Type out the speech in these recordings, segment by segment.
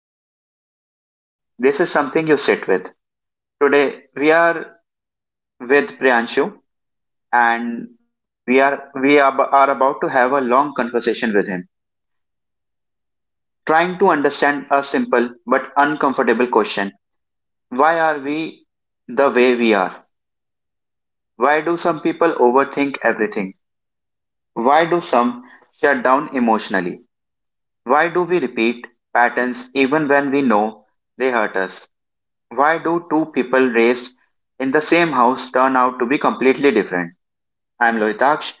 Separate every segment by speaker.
Speaker 1: scrolling your phone. This is something you sit with. Today we are with Priyanshu and we are, are about to have a long conversation with him, trying to understand a simple but uncomfortable question. Why are we the way we are? Why do some people overthink everything? Why do some shut down emotionally? Why do we repeat patterns even when we know they hurt us? Why do two people raised in the same house turn out to be completely different? I'm Lohitaksh,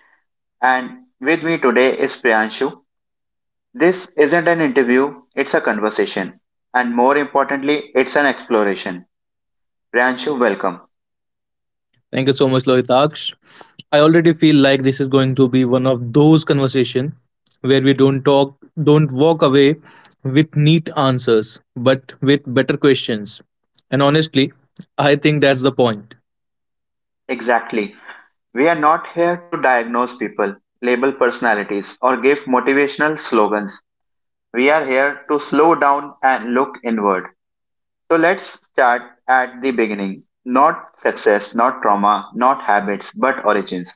Speaker 1: and with me today is Priyanshu. This isn't an interview, it's a conversation. And more importantly, it's an exploration. Priyanshu, welcome.
Speaker 2: Thank you so much, Lohitaksh. I already feel like this is going to be one of those conversation where we don't talk, don't walk away with neat answers, but with better questions. And honestly, I think that's the point.
Speaker 1: Exactly. We are not here to diagnose people, label personalities, or give motivational slogans. We are here to slow down and look inward. So let's start at the beginning. Not success, not trauma, not habits, but origins.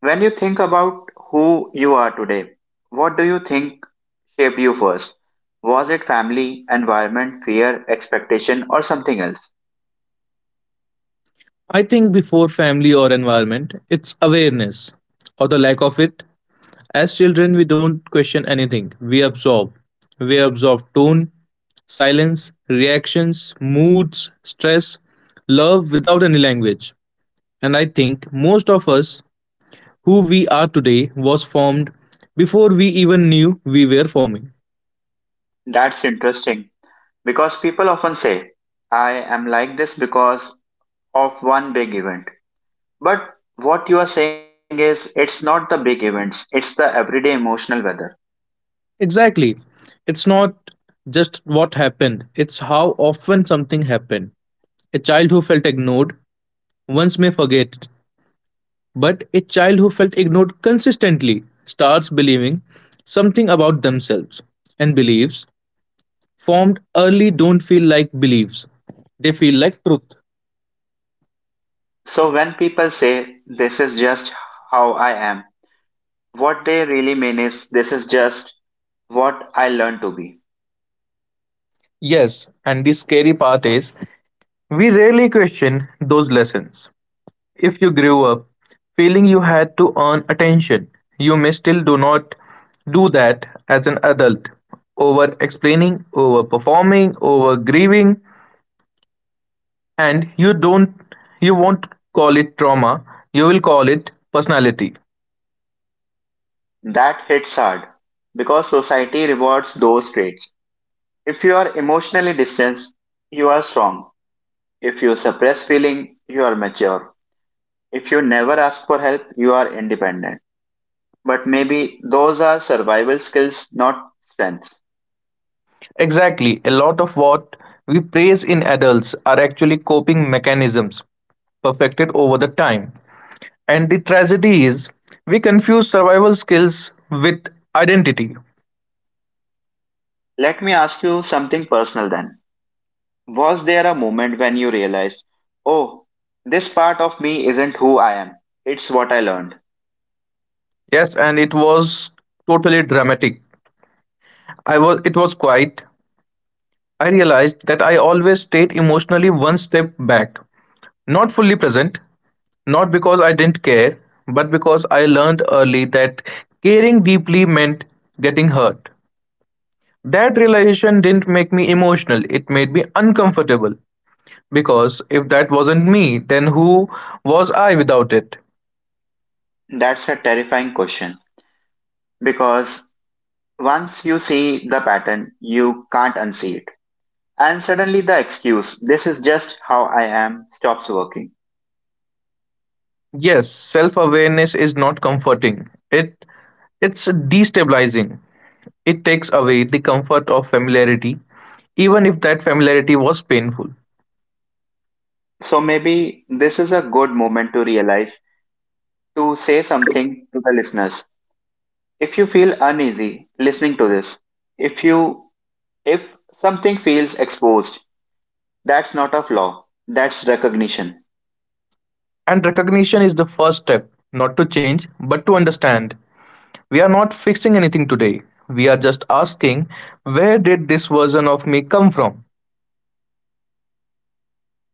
Speaker 1: When you think about who you are today, what do you think shaped you first? Was it family, environment, fear, expectation, or something else?
Speaker 2: I think before family or environment, it's awareness or the lack of it. As children, we don't question anything. We absorb. We absorb tone, silence, reactions, moods, stress, love without any language. And I think most of us who we are today was formed before we even knew we were forming.
Speaker 1: That's interesting because people often say, "I am like this because of one big event." But what you are saying is, it's not the big events, it's the everyday emotional weather.
Speaker 2: Exactly. It's not just what happened, it's how often something happened. A child who felt ignored once may forget it, but a child who felt ignored consistently starts believing something about themselves. And beliefs formed early don't feel like beliefs, they feel like truth.
Speaker 1: So when people say, "This is just how I am," what they really mean is, "This is just what I learned to be."
Speaker 2: Yes, and the scary part is we rarely question those lessons. If you grew up feeling you had to earn attention, you may still do not do that as an adult. Over explaining, over performing, over grieving, and you won't call it trauma, you will call it personality.
Speaker 1: That hits hard because society rewards those traits. If you are emotionally distanced, you are strong. If you suppress feeling, you are mature. If you never ask for help, you are independent. But maybe those are survival skills, not strengths.
Speaker 2: Exactly, a lot of what we praise in adults are actually coping mechanisms perfected over the time. And the tragedy is we confuse survival skills with identity.
Speaker 1: Let me ask you something personal then. Was there a moment when you realized, oh, this part of me isn't who I am, it's what I learned?
Speaker 2: Yes, and it was totally dramatic. I was it was quite I realized that I always stayed emotionally one step back, not fully present, not because I didn't care, but because I learned early that caring deeply meant getting hurt. That realization didn't make me emotional, it made me uncomfortable. Because if that wasn't me, then who was I without it?
Speaker 1: That's a terrifying question because once you see the pattern, you can't unsee it. And suddenly the excuse, "This is just how I am," stops working.
Speaker 2: Yes, self awareness is not comforting. It's destabilizing. It takes away the comfort of familiarity, even if that familiarity was painful.
Speaker 1: So maybe this is a good moment to realize to say something to the listeners. If you feel uneasy listening to this, if you if something feels exposed, that's not of law, that's recognition.
Speaker 2: And recognition is the first step, not to change, but to understand. We are not fixing anything today. We are just asking, where did this version of me come from?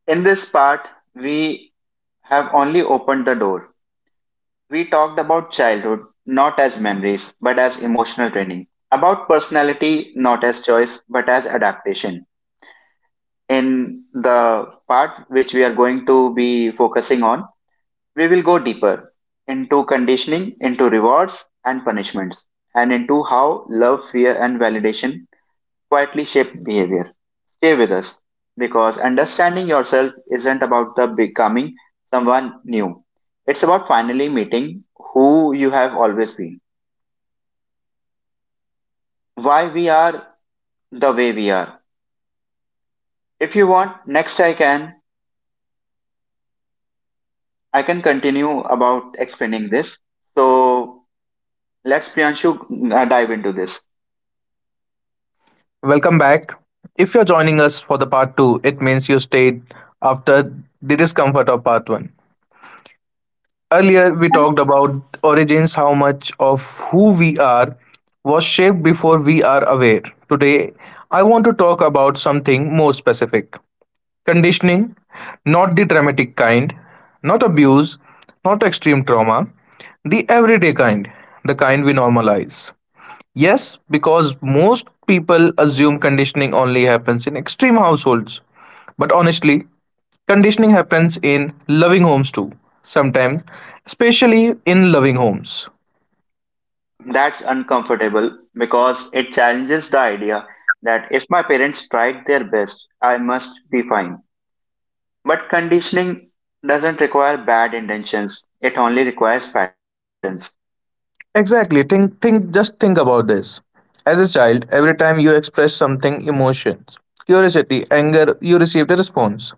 Speaker 1: In this part, we have only opened the door. We talked about childhood not as memories but as emotional training, about personality not as choice but as adaptation. In the part which we are going to be focusing on, we will go deeper into conditioning, into rewards and punishments, and into how love, fear, and validation quietly shape behavior. Stay with us because understanding yourself isn't about the becoming someone new. It's about finally meeting who you have always been. Why we are the way we are. If you want, next I can continue about explaining this. So let's Priyanshu dive into this.
Speaker 2: Welcome back. If you're joining us for the part 2, it means you stayed after the discomfort of part 1. Earlier, we
Speaker 1: And
Speaker 2: talked about origins, how much of who we are was shaped before we are aware. Today, I want to talk about something more specific: conditioning, not the dramatic kind, not abuse, not extreme trauma, the everyday kind, the kind we normalize. Yes, because most people assume conditioning only happens in extreme households. But honestly, conditioning happens in loving homes too, sometimes, especially in loving homes.
Speaker 1: that's uncomfortable because it challenges the idea that if my parents tried their best, I must be fine. But conditioning doesn't require bad intentions, it only requires patterns.
Speaker 2: Exactly. Think just think about this. As a child, every time you express something emotions, curiosity, anger, you received a response.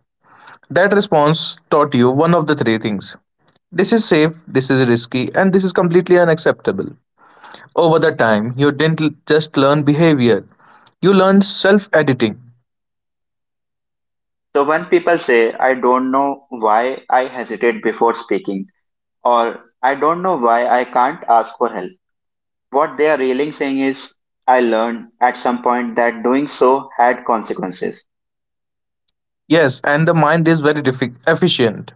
Speaker 2: That response taught you one of the three things. This is safe, this is risky, and this is completely unacceptable. Over the time, you didn't just learn behavior, you learned self editing.
Speaker 1: So when people say, "I don't know why I hesitate before speaking," or "I don't know why I can't ask for help," what they are really saying is, "I learned at some point that doing so had consequences."
Speaker 2: Yes, and the mind is very efficient.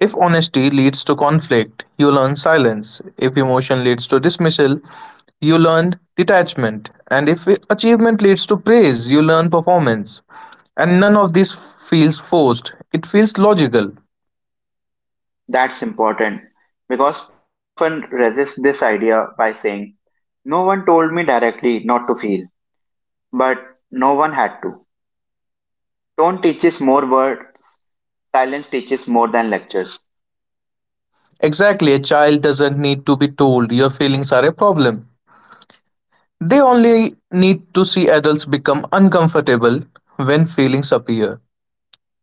Speaker 2: If honesty leads to conflict, you learn silence. If emotion leads to dismissal, you learn detachment. And if achievement leads to praise, you learn performance. And none of this feels forced, it feels logical.
Speaker 1: That's important because people often resist this idea by saying, "No one told me directly not to feel," but no one had to. Tone teaches more word, silence teaches more than lectures.
Speaker 2: Exactly, a child doesn't need to be told your feelings are a problem. They only need to see adults become uncomfortable when feelings appear.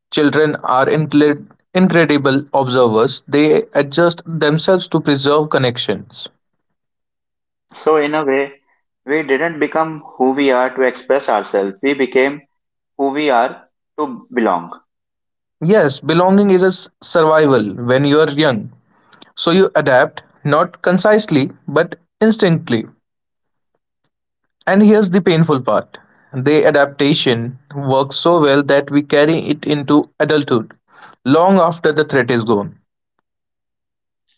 Speaker 2: Children are incredible observers, they adjust themselves to preserve connections.
Speaker 1: So, in a way, we didn't become who we are to express ourselves, we became who we are to belong.
Speaker 2: Yes, belonging is a survival when you are young. So you adapt, not concisely, but instinctively. And here's the painful part. The adaptation works so well that we carry it into adulthood, long after the threat is gone.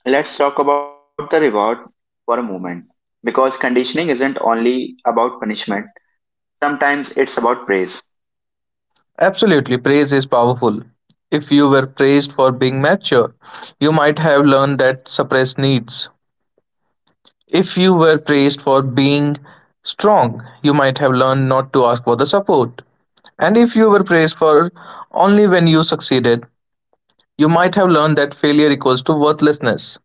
Speaker 1: Let's talk about the reward for a moment. Because conditioning isn't only about punishment, sometimes it's about praise.
Speaker 2: Absolutely, praise is powerful. If you were praised for being mature, you might have learned that suppress needs. If you were praised for being strong, you might have learned not to ask for the support. And if you were praised for only when you succeeded, you might have learned that failure equals to worthlessness.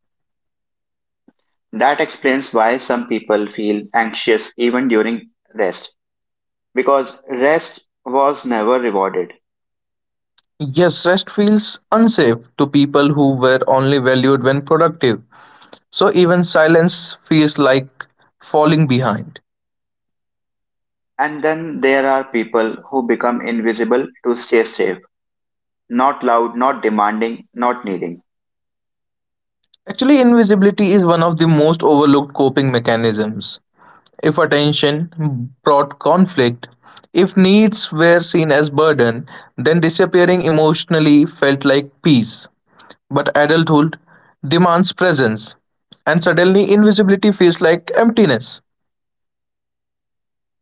Speaker 1: That explains why some people feel anxious even during rest, because rest was never rewarded.
Speaker 2: Yes, rest feels unsafe to people who were only valued when productive. So even silence feels like falling behind.
Speaker 1: And then there are people who become invisible to stay safe. Not loud, not demanding, not needing.
Speaker 2: Actually, invisibility is one of the most overlooked coping mechanisms. If attention brought conflict, if needs were seen as burden, then disappearing emotionally felt like peace. But adulthood demands presence, and suddenly invisibility feels like emptiness.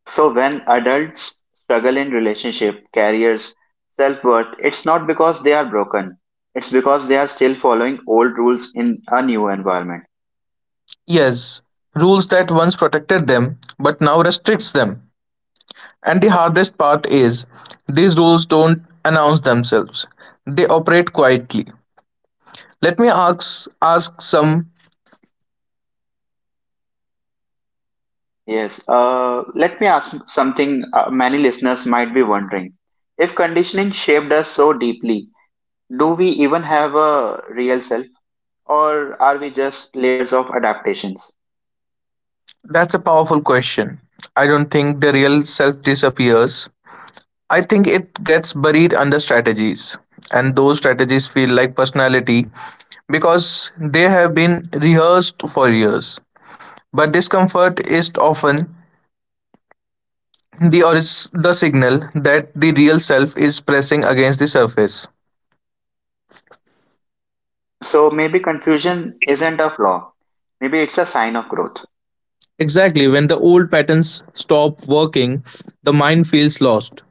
Speaker 1: So when adults struggle in relationship, careers, self-worth, it's not because they are broken. It's because they are still following old rules in a new environment.
Speaker 2: Yes, rules that once protected them but now restricts them. And the hardest part is these rules don't announce themselves. They operate quietly. Let me ask ask some
Speaker 1: Yes. Let me ask something, many listeners might be wondering. If conditioning shaped us so deeply, do we even have a real self or are we just layers of adaptations?
Speaker 2: That's a powerful question. I don't think the real self disappears. I think it gets buried under strategies. And those strategies feel like personality because they have been rehearsed for years. But discomfort is often the or is the signal that the real self is pressing against the surface.
Speaker 1: So maybe confusion isn't a flaw. Maybe it's a sign of growth.
Speaker 2: Exactly, when the old patterns stop working, the mind feels lost.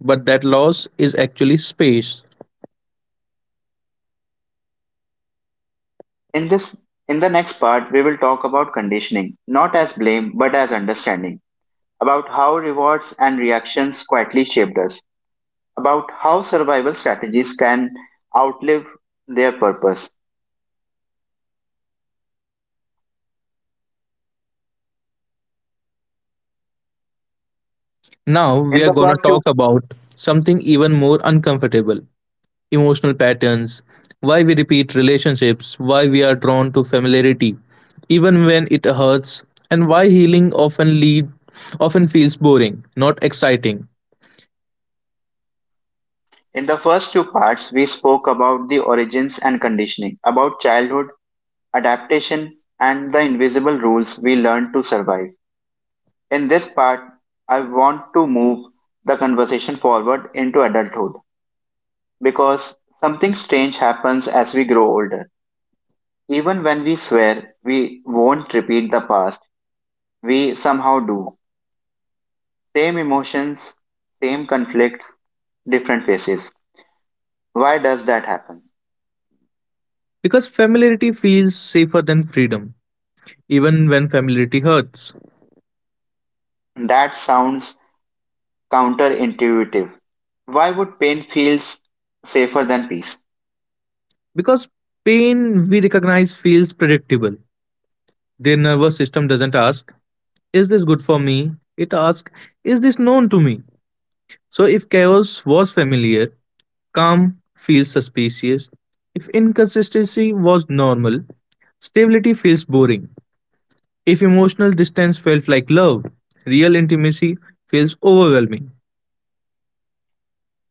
Speaker 2: But that loss is actually space.
Speaker 1: In this in the next part we will talk about conditioning, not as blame but as understanding, about how rewards and reactions quietly shaped us, about how survival strategies can outlive their purpose.
Speaker 2: Now
Speaker 1: In
Speaker 2: we are
Speaker 1: the
Speaker 2: gonna
Speaker 1: first
Speaker 2: talk
Speaker 1: two
Speaker 2: about something even more uncomfortable: emotional patterns, why we repeat relationships, why we are drawn to familiarity, even when it hurts, and why healing often feels boring, not exciting.
Speaker 1: in the first two parts we spoke about the origins and conditioning, about childhood, adaptation and the invisible rules we learned to survive. In this part I want to move the conversation forward into adulthood because something strange happens as we grow older. Even when we swear we won't repeat the past, we somehow do. Same emotions, same conflicts, different faces. Why does that happen?
Speaker 2: Because familiarity feels safer than freedom, even when familiarity hurts.
Speaker 1: That sounds counterintuitive. Why would pain feels safer than peace?
Speaker 2: Because pain we recognize feels predictable. The nervous system doesn't ask, is this good for me? It asks, is this known to me? So, if chaos was familiar, calm feels suspicious. If inconsistency was normal, stability feels boring. If emotional distance felt like love, real intimacy feels overwhelming.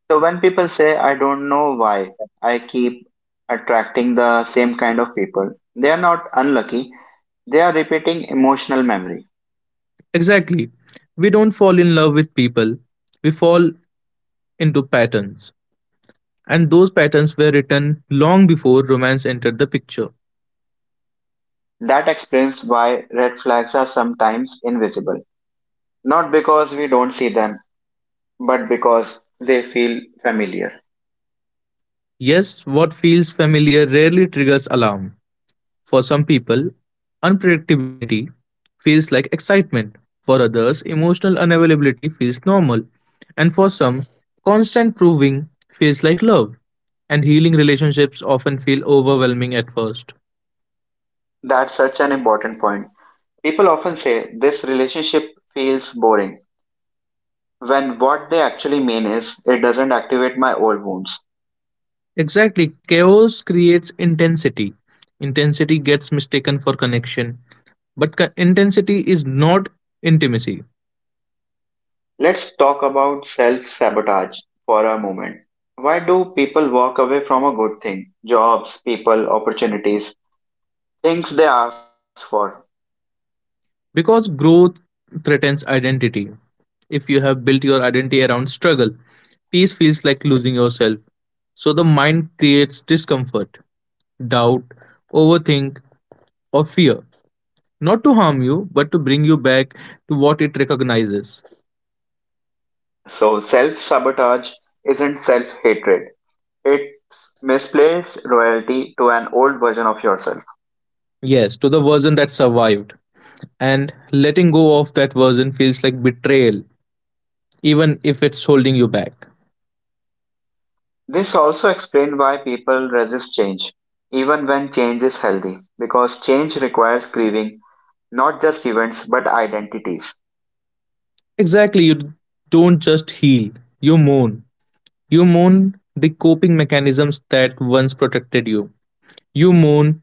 Speaker 1: So when people say, "I don't know why I keep attracting the same kind of people," they are not unlucky. They are repeating emotional memory.
Speaker 2: Exactly. We don't fall in love with people, we fall into patterns. And those patterns were written long before romance entered the picture.
Speaker 1: That explains why red flags are sometimes invisible. Not because we don't see them, but because they feel familiar.
Speaker 2: Yes, what feels familiar rarely triggers alarm. For some people, unpredictability feels like excitement. For others, emotional unavailability feels normal. And for some, constant proving feels like love. And healing relationships often feel overwhelming at first.
Speaker 1: That's such an important point. People often say this relationship feels boring, when what they actually mean is it doesn't activate my old wounds.
Speaker 2: Exactly, chaos creates intensity. Intensity gets mistaken for connection, but intensity is not intimacy.
Speaker 1: Let's talk about self sabotage for a moment. Why do people walk away from a good thing? Jobs, people, opportunities, things they ask for.
Speaker 2: Because growth threatens identity. If you have built your identity around struggle, peace feels like losing yourself. So the mind creates discomfort, doubt, overthink, or fear, not to harm you, but to bring you back to what it recognizes.
Speaker 1: So, self sabotage isn't self hatred, it's misplaced loyalty to an old version of yourself.
Speaker 2: Yes, to the version that survived. And letting go of that version feels like betrayal, even if it's holding you back.
Speaker 1: This also explains why people resist change, even when change is healthy, because change requires grieving not just events but identities.
Speaker 2: Exactly, you don't just heal, you mourn. You mourn the coping mechanisms that once protected you. You mourn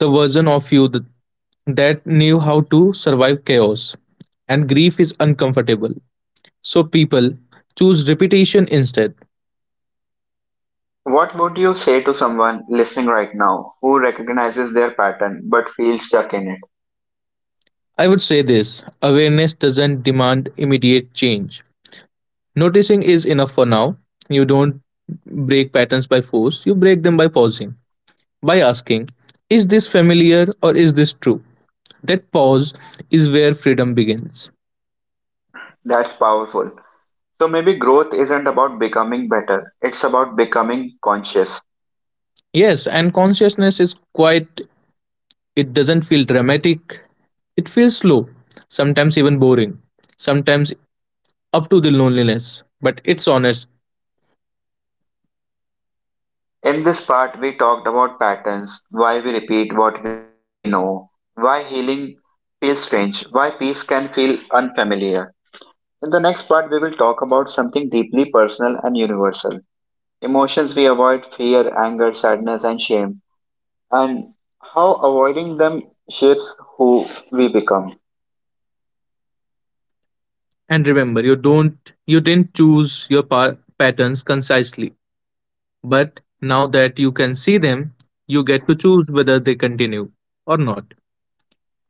Speaker 2: the version of you that knew how to survive chaos. And grief is uncomfortable. So people choose repetition instead.
Speaker 1: What would you say to someone listening right now who recognizes their pattern but feels stuck in it?
Speaker 2: I would say this awareness doesn't demand immediate change. Noticing is enough for now. You don't break patterns by force, you break them by pausing, by asking, is this familiar or is this true? That pause is where freedom begins.
Speaker 1: That's powerful. So maybe growth isn't about becoming better, it's about becoming conscious.
Speaker 2: Yes, and consciousness is quite, it doesn't feel dramatic, it feels slow, sometimes even boring, sometimes up to the loneliness, but it's honest.
Speaker 1: In this part, we talked about patterns, why we repeat what we know, why healing feels strange, why peace can feel unfamiliar. In the next part, we will talk about something deeply personal and universal, emotions we avoid: fear, anger, sadness, and shame, and how avoiding them shapes who we become.
Speaker 2: And remember, you didn't choose your patterns concisely, but now that you can see them, you get to choose whether they continue or not.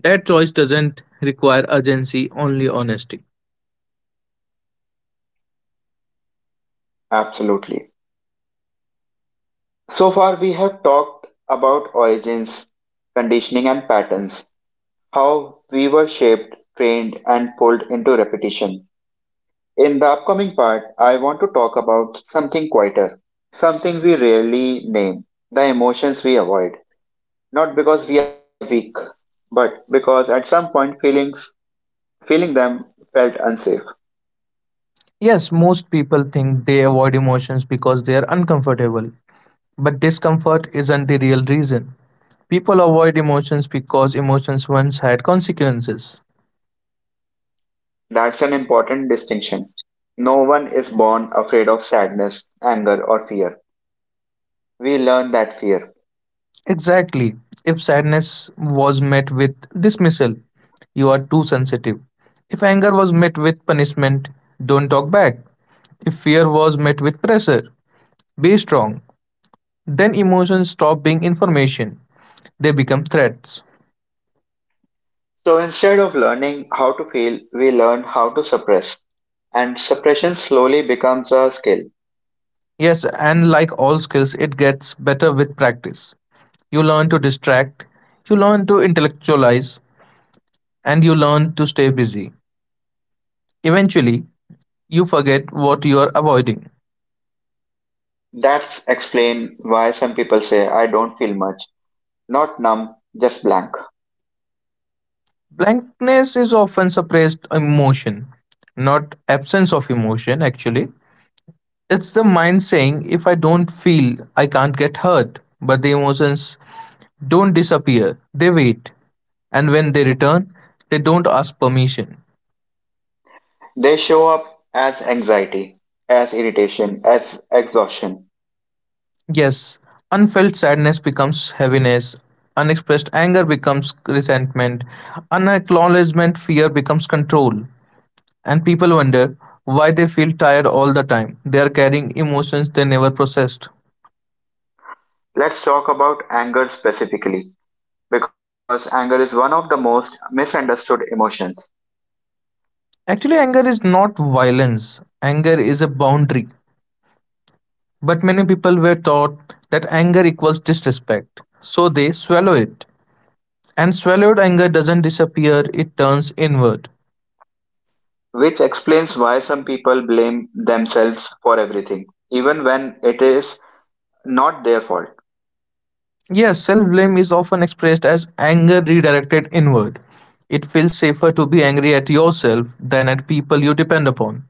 Speaker 2: That choice doesn't require urgency, only honesty.
Speaker 1: Absolutely. So far, we have talked about origins, conditioning, and patterns. How we were shaped, trained, and pulled into repetition. In the upcoming part, I want to talk about something quieter, something we rarely name, the emotions we avoid. Not because we are weak, but because at some point feeling them felt unsafe.
Speaker 2: Yes, most people think they avoid emotions because they are uncomfortable. But discomfort isn't the real reason. People avoid emotions because emotions once had consequences.
Speaker 1: That's an important distinction. No one is born afraid of sadness, anger, or fear. We learn that fear.
Speaker 2: Exactly. If sadness was met with dismissal, you are too sensitive. If anger was met with punishment, don't talk back. If fear was met with pressure, be strong. Then emotions stop being information, they become threats.
Speaker 1: So instead of learning how to feel, we learn how to suppress, and suppression slowly becomes a skill.
Speaker 2: Yes, and like all skills, it gets better with practice. You learn to distract, you learn to intellectualize, and you learn to stay busy. Eventually, you forget what you are avoiding.
Speaker 1: That's explain why some people say, "I don't feel much," not numb, just blank.
Speaker 2: Blankness is often suppressed emotion, not absence of emotion, actually. It's the mind saying, if I don't feel, I can't get hurt. But the emotions don't disappear, they wait. And when they return, they don't ask permission.
Speaker 1: They show up as anxiety, as irritation, as exhaustion.
Speaker 2: Yes, unfelt sadness becomes heaviness, unexpressed anger becomes resentment, unacknowledgement fear becomes control. And people wonder why they feel tired all the time. They are carrying emotions they never processed.
Speaker 1: Let's talk about anger specifically because anger is one of the most misunderstood emotions,
Speaker 2: Actually, anger is not violence, anger is a boundary. But many people were taught that anger equals disrespect, so they swallow it. And swallowed anger doesn't disappear, it turns inward.
Speaker 1: which explains why some people blame themselves for everything, even when it is not their fault.
Speaker 2: Yes, self blame is often expressed as anger redirected inward. It feels safer to be angry at yourself than at people you depend upon.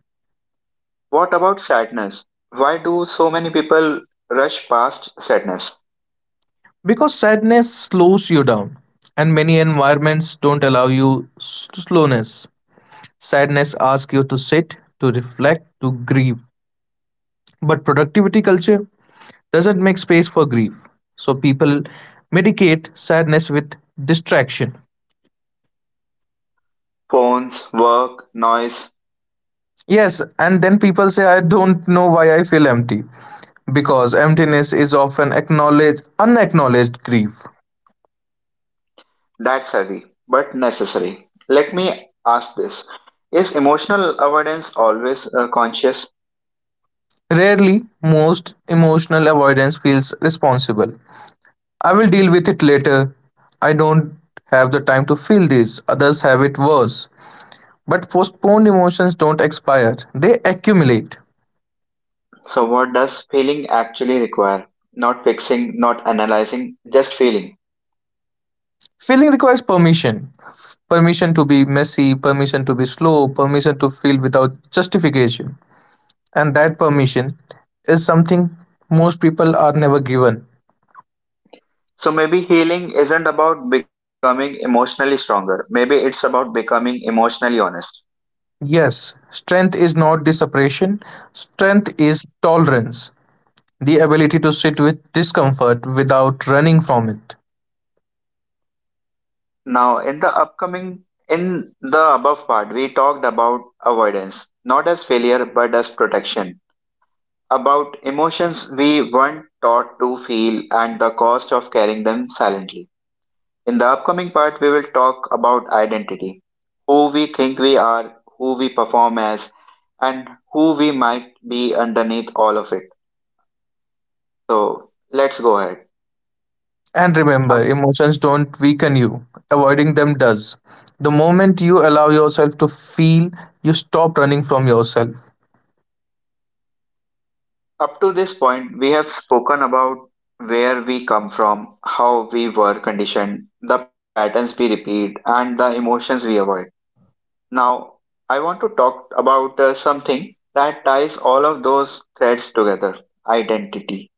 Speaker 1: What about sadness? Why do so many people rush past sadness?
Speaker 2: Because sadness slows you down, and many environments don't allow you slowness. Sadness asks you to sit, to reflect, to grieve, but productivity culture doesn't make space for grief, so people medicate sadness with distraction.
Speaker 1: Phones, work, noise,
Speaker 2: Yes, and then people say I don't know why I feel empty, because emptiness is often acknowledged unacknowledged grief.
Speaker 1: that's heavy, but necessary. Let me ask this: is emotional avoidance always, conscious?
Speaker 2: Rarely, most emotional avoidance feels responsible. I will deal with it later. I don't have the time to feel this. Others have it worse. But postponed emotions don't expire, they accumulate.
Speaker 1: So, what does feeling actually require? Not fixing, not analyzing, just feeling.
Speaker 2: Feeling requires permission, permission to be messy, permission to be slow, permission to feel without justification. And that permission is something most people are never given.
Speaker 1: So, maybe healing isn't about becoming emotionally stronger, maybe it's about becoming emotionally honest.
Speaker 2: Yes, strength is not the separation, strength is tolerance, the ability to sit with discomfort without running from it.
Speaker 1: Now, in the upcoming, in the above part, we talked about avoidance, not as failure but as protection, about emotions we weren't taught to feel and the cost of carrying them silently. In the upcoming part, we will talk about identity, who we think we are, who we perform as, and who we might be underneath all of it. So, let's go ahead.
Speaker 2: And remember, emotions don't weaken you, avoiding them does. The moment you allow yourself to feel, you stop running from yourself.
Speaker 1: Up to this point, we have spoken about where we come from, how we were conditioned, the patterns we repeat, and the emotions we avoid. Now, I want to talk about something that ties all of those threads together: identity.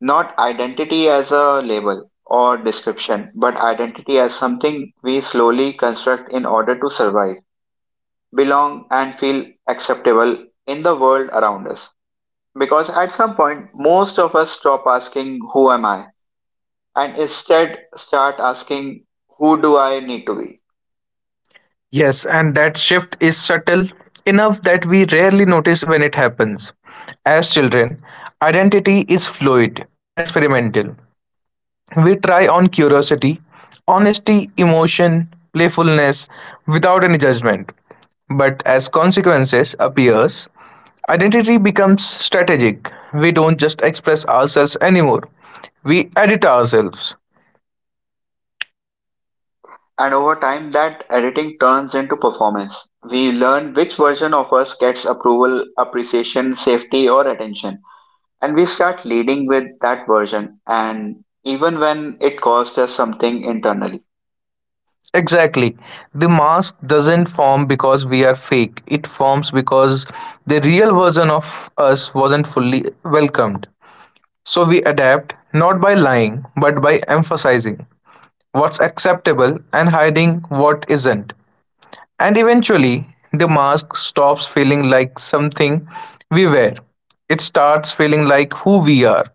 Speaker 1: Not identity as a label or description, but identity as something we slowly construct in order to survive, belong, and feel acceptable in the world around us. Because at some point, most of us stop asking, "Who am I?" and instead start asking, "Who do I need to be?"
Speaker 2: Yes, and that shift is subtle enough that we rarely notice when it happens. As children, identity is fluid and experimental. We try on curiosity, honesty, emotion, playfulness without any judgment. But as consequences appears, identity becomes strategic. We don't just express ourselves anymore. We edit ourselves.
Speaker 1: And over time, that editing turns into performance. We learn which version of us gets approval, appreciation, safety, or attention. And we start leading with that version, and even when it costs us something internally.
Speaker 2: Exactly. The mask doesn't form because we are fake. It forms because the real version of us wasn't fully welcomed. So we adapt not by lying but by emphasizing what's acceptable and hiding what isn't. And eventually, the mask stops feeling like something we wear. It starts feeling like who we are.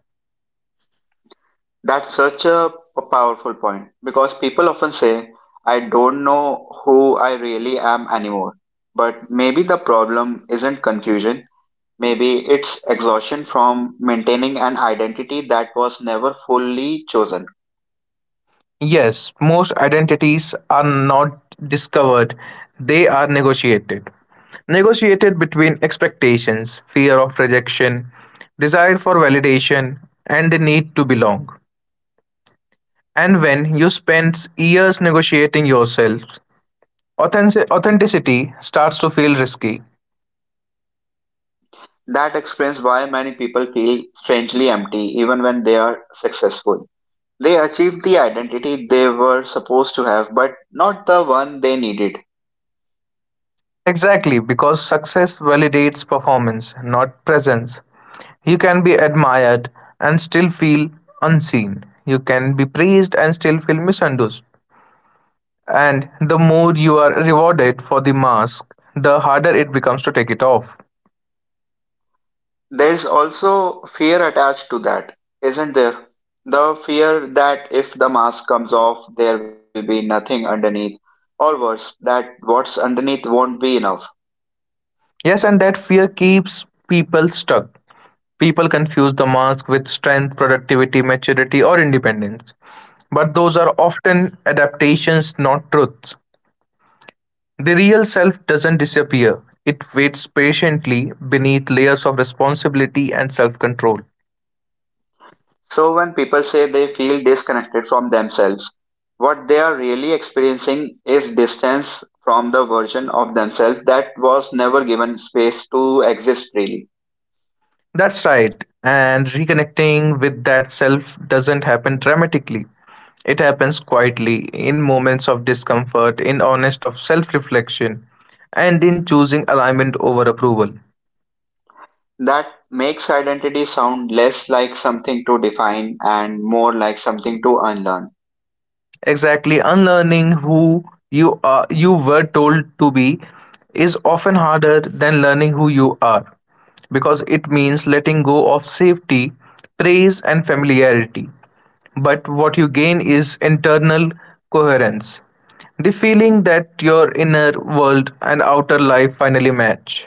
Speaker 1: That's such a powerful point because people often say, "I don't know who I really am anymore." But maybe the problem isn't confusion. Maybe it's exhaustion from maintaining an identity that was never fully chosen.
Speaker 2: Yes, most identities are not discovered, they are negotiated. Negotiated between expectations, fear of rejection, desire for validation, and the need to belong. And when you spend years negotiating yourself, authenticity starts to feel risky.
Speaker 1: That explains why many people feel strangely empty even when they are successful. They achieved the identity they were supposed to have, but not the one they needed.
Speaker 2: Exactly, because success validates performance, not presence. You can be admired and still feel unseen. You can be praised and still feel misunderstood. And the more you are rewarded for the mask, the harder it becomes to take it off.
Speaker 1: There's also fear attached to that, isn't there? The fear that if the mask comes off, there will be nothing underneath, or worse, that what's underneath won't be enough.
Speaker 2: Yes, and that fear keeps people stuck. People confuse the mask with strength, productivity, maturity, or independence. But those are often adaptations, not truths. The real self doesn't disappear, it waits patiently beneath layers of responsibility and self control.
Speaker 1: So, when people say they feel disconnected from themselves, what they are really experiencing is distance from the version of themselves that was never given space to exist freely.
Speaker 2: That's right, and reconnecting with that self doesn't happen dramatically. It happens quietly, in moments of discomfort, in honest of self reflection, and in choosing alignment over approval.
Speaker 1: That makes identity sound less like something to define and more like something to unlearn.
Speaker 2: Exactly, unlearning who you are you were told to be is often harder than learning who you are because it means letting go of safety, praise and familiarity. But what you gain is internal coherence, the feeling that your inner world and outer life finally match.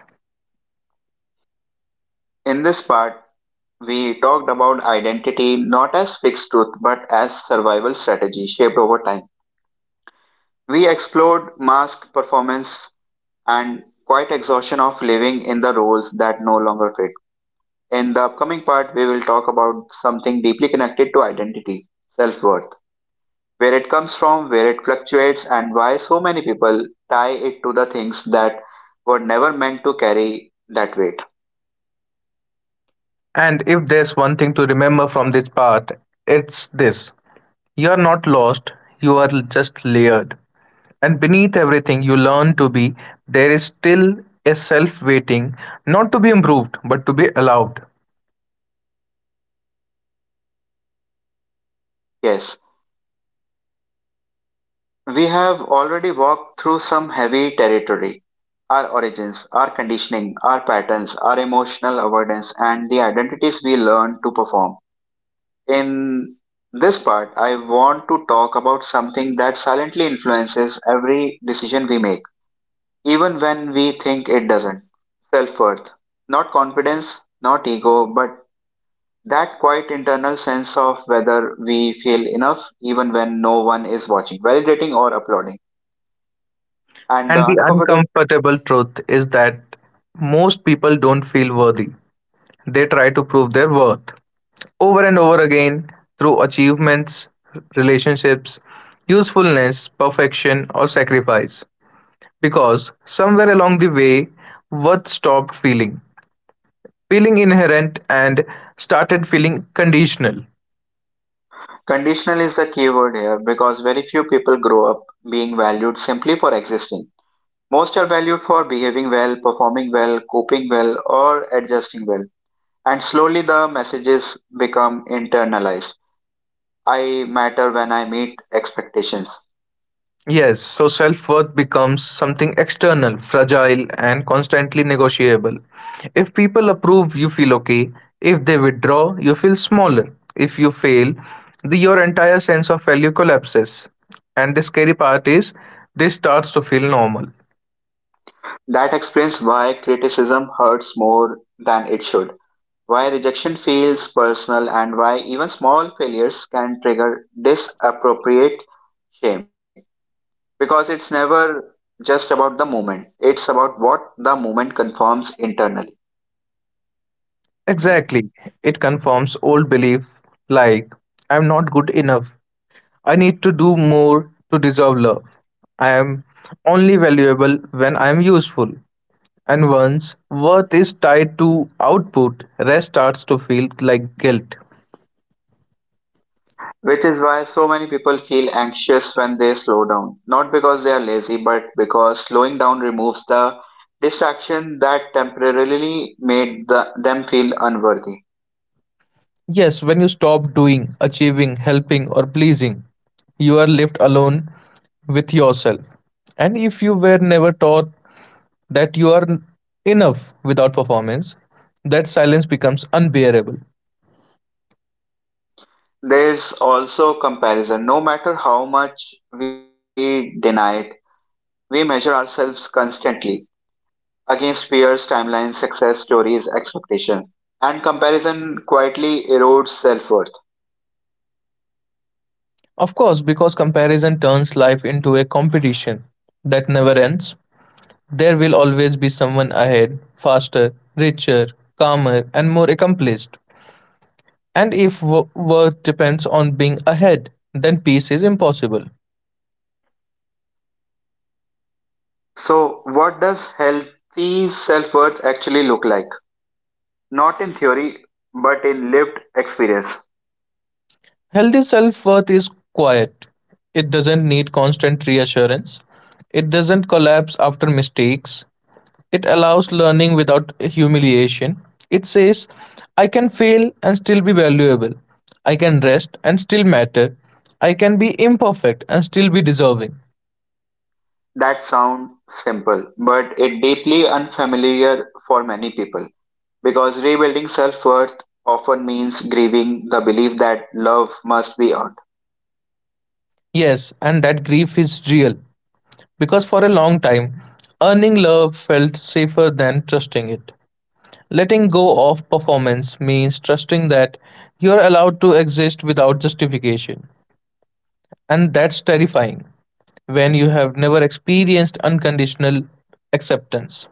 Speaker 1: In this part, we talked about identity not as fixed truth but as survival strategy shaped over time. We explored mask performance and quite exhaustion of living in the roles that no longer fit. In the upcoming part, we will talk about something deeply connected to identity self worth, where it comes from, where it fluctuates, and why so many people tie it to the things that were never meant to carry that weight.
Speaker 2: And if there's one thing to remember from this part, it's this: you are not lost, you are just layered. And beneath everything you learn to be, there is still a self waiting, not to be improved, but to be allowed.
Speaker 1: Yes, we have already walked through some heavy territory our origins, our conditioning, our patterns, our emotional avoidance, and the identities we learn to perform. In this part, I want to talk about something that silently influences every decision we make, even when we think it doesn't self worth. Not confidence, not ego, but that quiet internal sense of whether we feel enough even when no one is watching, validating, or applauding. And the
Speaker 2: And the
Speaker 1: uncomfortable
Speaker 2: uncomfortable truth is that most people don't feel worthy. They try to prove their worth over and over again through achievements, relationships, usefulness, perfection, or sacrifice. Because somewhere along the way, worth stopped feeling inherent and started feeling conditional.
Speaker 1: conditional is the key word here because very few people grow up being valued simply for existing. Most are valued for behaving well, performing well, coping well, or adjusting well. And slowly the messages become internalized. I matter when I meet expectations.
Speaker 2: Yes, so self worth becomes something external, fragile, and constantly negotiable. If people approve, you feel okay. If they withdraw, you feel smaller. If you fail, your entire sense of value collapses. And the scary part is, this starts to feel normal.
Speaker 1: That explains why criticism hurts more than it should, why rejection feels personal, and why even small failures can trigger disappropriate shame. Because it's never just about the moment it's about what the moment confirms internally,
Speaker 2: Exactly. It confirms old belief like, I'm not good enough. I need to do more to deserve love. I am only valuable when I am useful. And once worth is tied to output, rest starts to feel like guilt.
Speaker 1: which is why so many people feel anxious when they slow down, not because they are lazy but because slowing down removes the distraction that temporarily made them feel unworthy.
Speaker 2: Yes, when you stop doing, achieving, helping, or pleasing, you are left alone with yourself. And if you were never taught that you are enough without performance, that silence becomes unbearable.
Speaker 1: There's also comparison, no matter how much we deny it, we measure ourselves constantly against fears, timelines, success stories, expectation, and comparison quietly erodes self-worth.
Speaker 2: Of course, because comparison turns life into a competition that never ends. There will always be someone ahead, faster, richer, calmer, and more accomplished. And if worth depends on being ahead, then peace is impossible.
Speaker 1: So, what does healthy self-worth actually look like? Not in theory, but in lived experience.
Speaker 2: Healthy self worth is quiet, it doesn't need constant reassurance, it doesn't collapse after mistakes, it allows learning without humiliation. It says, I can fail and still be valuable. I can rest and still matter. I can be imperfect and still be deserving.
Speaker 1: That sounds simple, but it deeply unfamiliar for many people because rebuilding self-worth often means grieving the belief that love must be earned.
Speaker 2: Yes, and that grief is real because for a long time, earning love felt safer than trusting it. Letting go of performance means trusting that you're allowed to exist without justification, and that's terrifying when you have never experienced unconditional acceptance.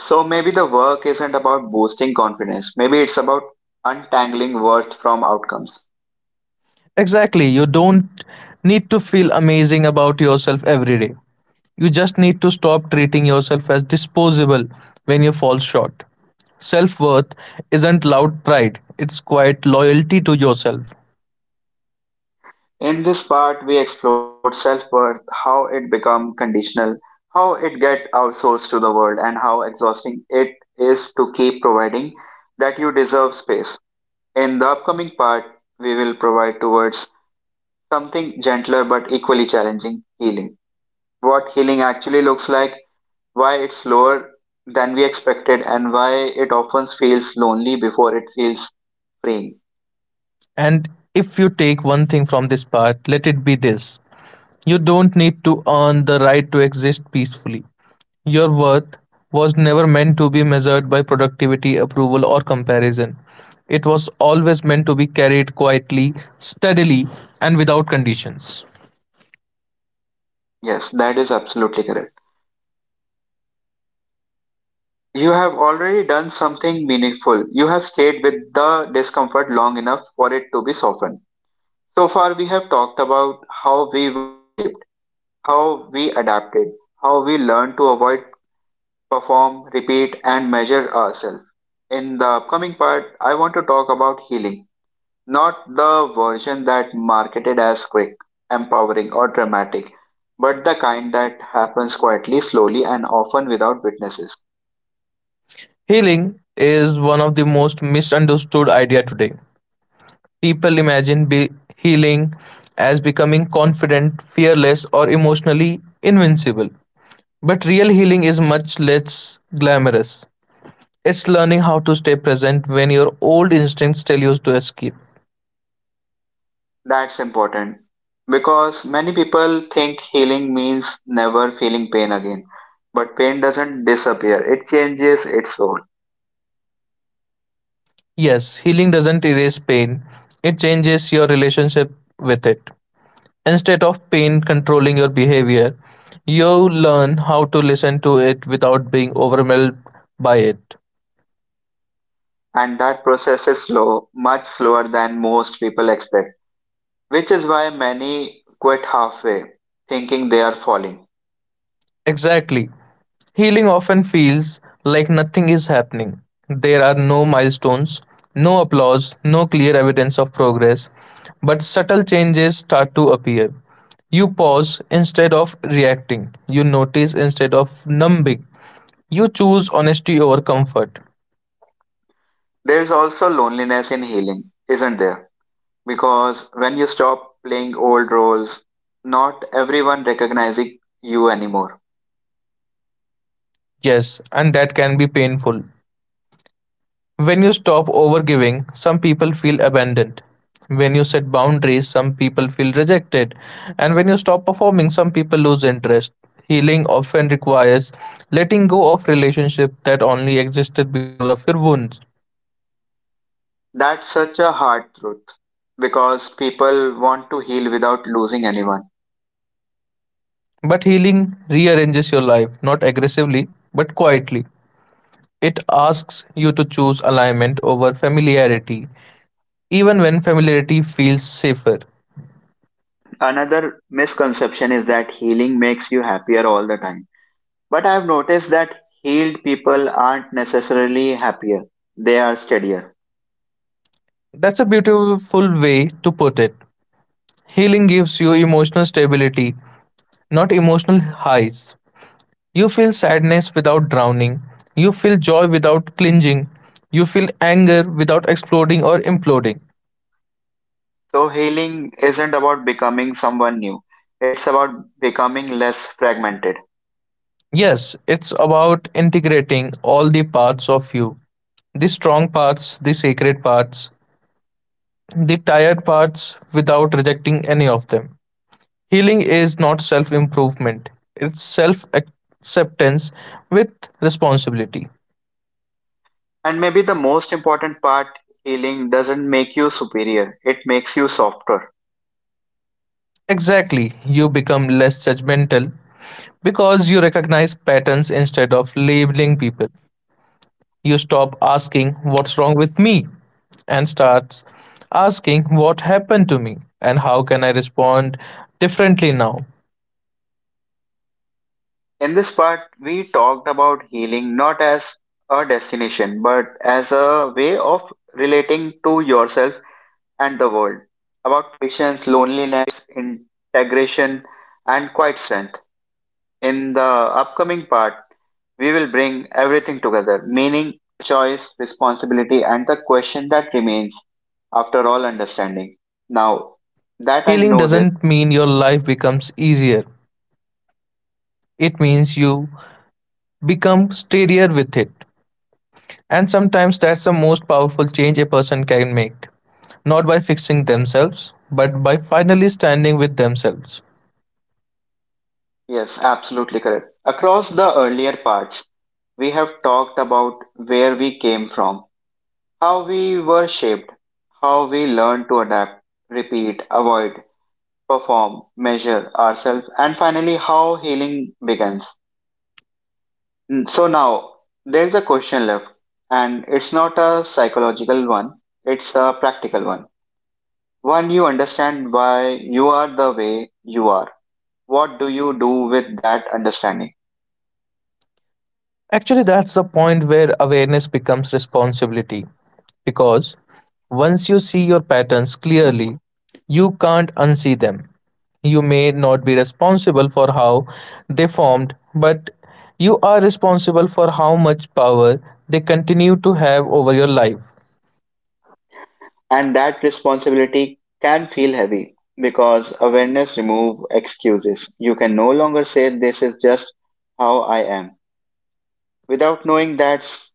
Speaker 1: So maybe the work isn't about boosting confidence. Maybe it's about untangling worth from outcomes.
Speaker 2: Exactly. You don't need to feel amazing about yourself every day. You just need to stop treating yourself as disposable when you fall short. Self worth isn't loud pride, it's quiet loyalty to yourself.
Speaker 1: In this part, we explored self-worth, how it become conditional, how it get outsourced to the world, and how exhausting it is to keep providing that you deserve space. In the upcoming part, we will provide towards something gentler but equally challenging, healing. What healing actually looks like, why it's lower than we expected, and why it often feels lonely before it feels freeing.
Speaker 2: And if you take one thing from this part, let it be this: you don't need to earn the right to exist peacefully. Your worth was never meant to be measured by productivity, approval, or comparison. It was always meant to be carried quietly, steadily, and without conditions.
Speaker 1: Yes, that is absolutely correct. You have already done something meaningful. You have stayed with the discomfort long enough for it to be softened. So far, we have talked about how we were shaped, how we adapted, how we learned to avoid, perform, repeat, and measure ourselves. In the upcoming part, I want to talk about healing. Not the version that marketed as quick, empowering, or dramatic, but the kind that happens quietly, slowly, and often without witnesses.
Speaker 2: Healing is one of the most misunderstood ideas today. People imagine healing as becoming confident, fearless, or emotionally invincible. But real healing is much less glamorous. It's learning how to stay present when your old instincts tell you to escape.
Speaker 1: That's important because many people think healing means never feeling pain again. But pain doesn't disappear, it changes its role.
Speaker 2: Yes, healing doesn't erase pain, it changes your relationship with it. Instead of pain controlling your behavior, you learn how to listen to it without being overwhelmed by it.
Speaker 1: And that process is slow, much slower than most people expect, which is why many quit halfway, thinking they are falling.
Speaker 2: Exactly. Healing often feels like nothing is happening. There are no milestones, no applause, no clear evidence of progress, but subtle changes start to appear. You pause instead of reacting. You notice instead of numbing. You choose honesty over comfort.
Speaker 1: There's also loneliness in healing, isn't there? Because when you stop playing old roles, not everyone recognizing you anymore.
Speaker 2: Yes, and that can be painful. When you stop overgiving, some people feel abandoned. When you set boundaries, some people feel rejected. And when you stop performing, some people lose interest. Healing often requires letting go of relationships that only existed because of your wounds.
Speaker 1: That's such a hard truth because people want to heal without losing anyone.
Speaker 2: But healing rearranges your life, not aggressively, but quietly. It asks you to choose alignment over familiarity, even when familiarity feels safer.
Speaker 1: Another misconception is that healing makes you happier all the time. But I've noticed that healed people aren't necessarily happier, they are steadier.
Speaker 2: That's a beautiful way to put it. Healing gives you emotional stability, not emotional highs. You feel sadness without drowning. You feel joy without clinging. You feel anger without exploding or imploding.
Speaker 1: So, healing isn't about becoming someone new, it's about becoming less fragmented.
Speaker 2: Yes, it's about integrating all the parts of you, the strong parts, the sacred parts, the tired parts, without rejecting any of them. Healing is not self improvement, it's self acceptance with responsibility.
Speaker 1: And maybe the most important part, healing doesn't make you superior, it makes you softer.
Speaker 2: Exactly. You become less judgmental because you recognize patterns instead of labeling people. You stop asking, "What's wrong with me?" and starts asking, "What happened to me? And how can I respond differently now?"
Speaker 1: In this part, we talked about healing not as a destination, but as a way of relating to yourself and the world, about patience, loneliness, integration, and quiet strength. In the upcoming part, we will bring everything together meaning, choice, responsibility, and the question that remains after all understanding. Now that I
Speaker 2: Healing
Speaker 1: know this,
Speaker 2: doesn't mean your life becomes easier, it means you become steadier with it. And sometimes that's the most powerful change a person can make, not by fixing themselves, but by finally standing with themselves.
Speaker 1: yes, absolutely correct. Across the earlier parts, we have talked about where we came from, how we were shaped, how we learned to adapt, repeat, avoid, perform, measure ourselves, and finally, how healing begins. So now there's a question left, and it's not a psychological one, it's a practical one. One you understand why you are the way you are. What do you do with that understanding?
Speaker 2: Actually, that's the point where awareness becomes responsibility, because once you see your patterns clearly, you can't unsee them. You may not be responsible for how they formed, but you are responsible for how much power they continue to have over your life.
Speaker 1: And that responsibility can feel heavy because awareness remove excuses. You can no longer say this is just how I am without knowing that's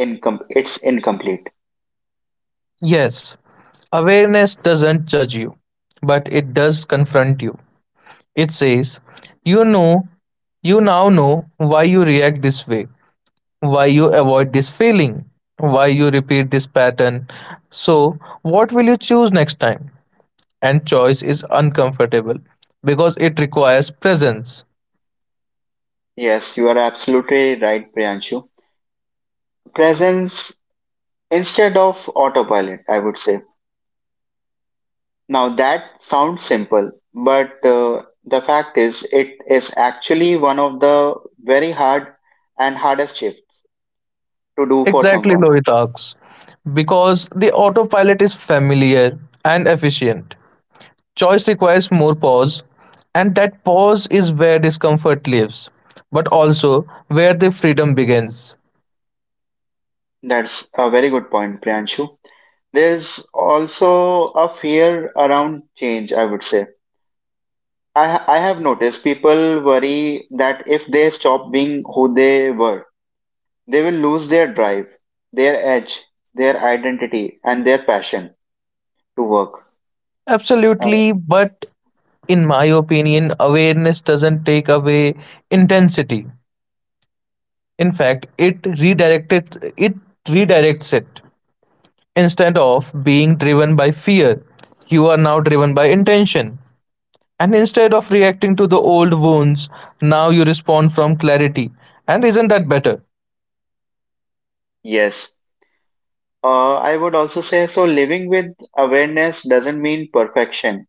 Speaker 1: it's incomplete.
Speaker 2: Yes, awareness doesn't judge you, but it does confront you. It says, you know, you now know why you react this way, why you avoid this feeling, why you repeat this pattern. So what will you choose next time? And choice is uncomfortable because it requires presence.
Speaker 1: Yes, you are absolutely right, Priyanshu. Presence instead of autopilot, I would say. Now that sounds simple, but the fact is, it is actually one of the very hard and hardest shift to do for
Speaker 2: Exactly,
Speaker 1: someone.
Speaker 2: Lohitak's, because the autopilot is familiar and efficient. Choice requires more pause, and that pause is where discomfort lives, but also where the freedom begins.
Speaker 1: That's a very good point, Priyanshu. There's also a fear around change, I would say. I have noticed people worry that if they stop being who they were, they will lose their drive, their edge, their identity, and their passion to work. Uh,
Speaker 2: Absolutely, but in my opinion, awareness doesn't take away intensity. In fact, it redirects it. Instead of being driven by fear, you are now driven by intention. And instead of reacting to the old wounds, now you respond from clarity. And isn't that better?
Speaker 1: Yes, I would also say so. Living with awareness doesn't mean perfection.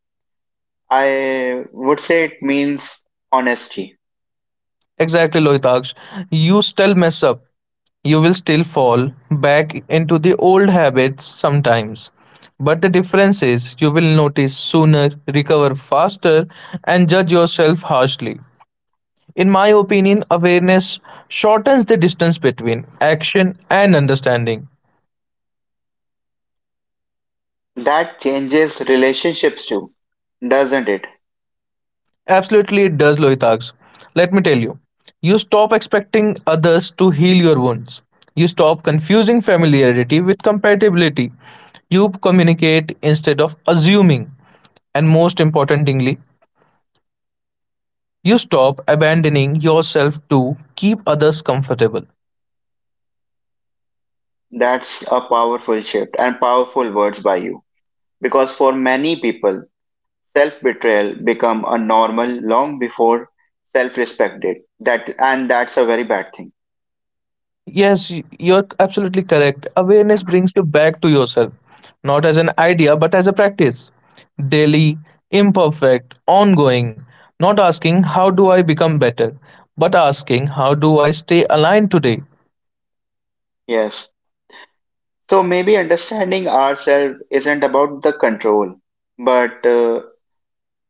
Speaker 1: I would say it means honesty.
Speaker 2: Exactly, Lohitaksh. You still mess up. You will still fall back into the old habits sometimes. But the difference is you will notice sooner, recover faster, and judge yourself harshly. In my opinion, awareness shortens the distance between action and understanding.
Speaker 1: That changes relationships too, doesn't it?
Speaker 2: Absolutely, it does, Lohitaksh. Let me tell you, you stop expecting others to heal your wounds. You stop confusing familiarity with compatibility. You communicate instead of assuming. And most importantly, you stop abandoning yourself to keep others comfortable.
Speaker 1: That's a powerful shift and powerful words by you. Because for many people, self betrayal become a normal long before self respect did. That and that's a very bad thing.
Speaker 2: Yes, you're absolutely correct. Awareness brings you back to yourself, not as an idea, but as a practice. Daily, imperfect, ongoing. Not asking, how do I become better? But asking, how do I stay aligned today?
Speaker 1: Yes. So maybe understanding ourselves isn't about the control but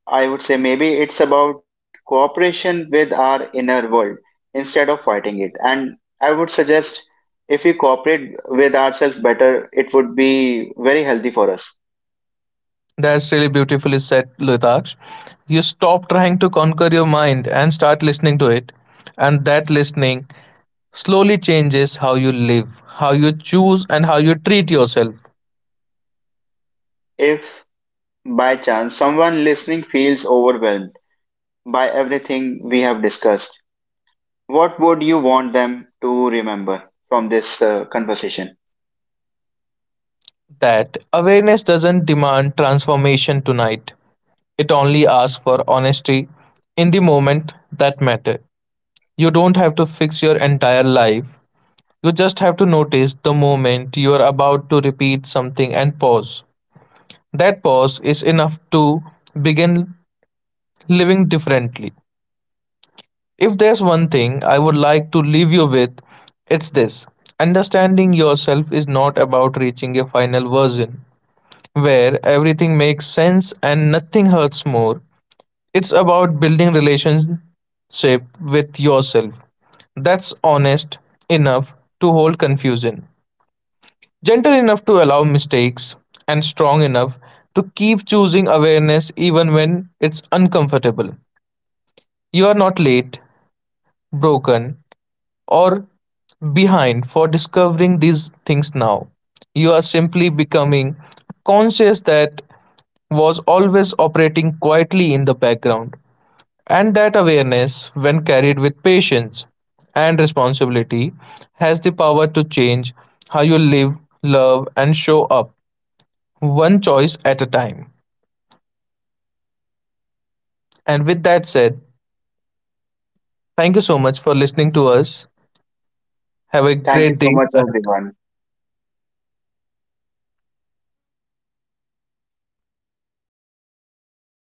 Speaker 1: I would say maybe it's about cooperation with our inner world instead of fighting it. And I would suggest if we cooperate with ourselves better, it would be very healthy for us.
Speaker 2: That's really beautifully said, Lutaksh. You stop trying to conquer your mind and start listening to it. And that listening slowly changes how you live, how you choose, and how you treat yourself.
Speaker 1: If by chance someone listening feels overwhelmed by everything we have discussed, what would you want them to remember from this conversation?
Speaker 2: That awareness doesn't demand transformation tonight. It only asks for honesty in the moment that matter. You don't have to fix your entire life. You just have to notice the moment you are about to repeat something and pause. That pause is enough to begin living differently. If there's one thing I would like to leave you with, it's this. Understanding yourself is not about reaching a final version where everything makes sense and nothing hurts more. It's about building relationship with yourself that's honest enough to hold confusion, gentle enough to allow mistakes, and strong enough to keep choosing awareness even when it's uncomfortable. You are not late, broken, or behind for discovering these things now. You are simply becoming conscious that was always operating quietly in the background. And that awareness, when carried with patience and responsibility, has the power to change how you live, love, and show up, one choice at a time. And with that said, thank you so much for listening to us. Have a
Speaker 1: Thank you
Speaker 2: great
Speaker 1: so
Speaker 2: day.
Speaker 1: much,
Speaker 2: ahead.
Speaker 1: everyone.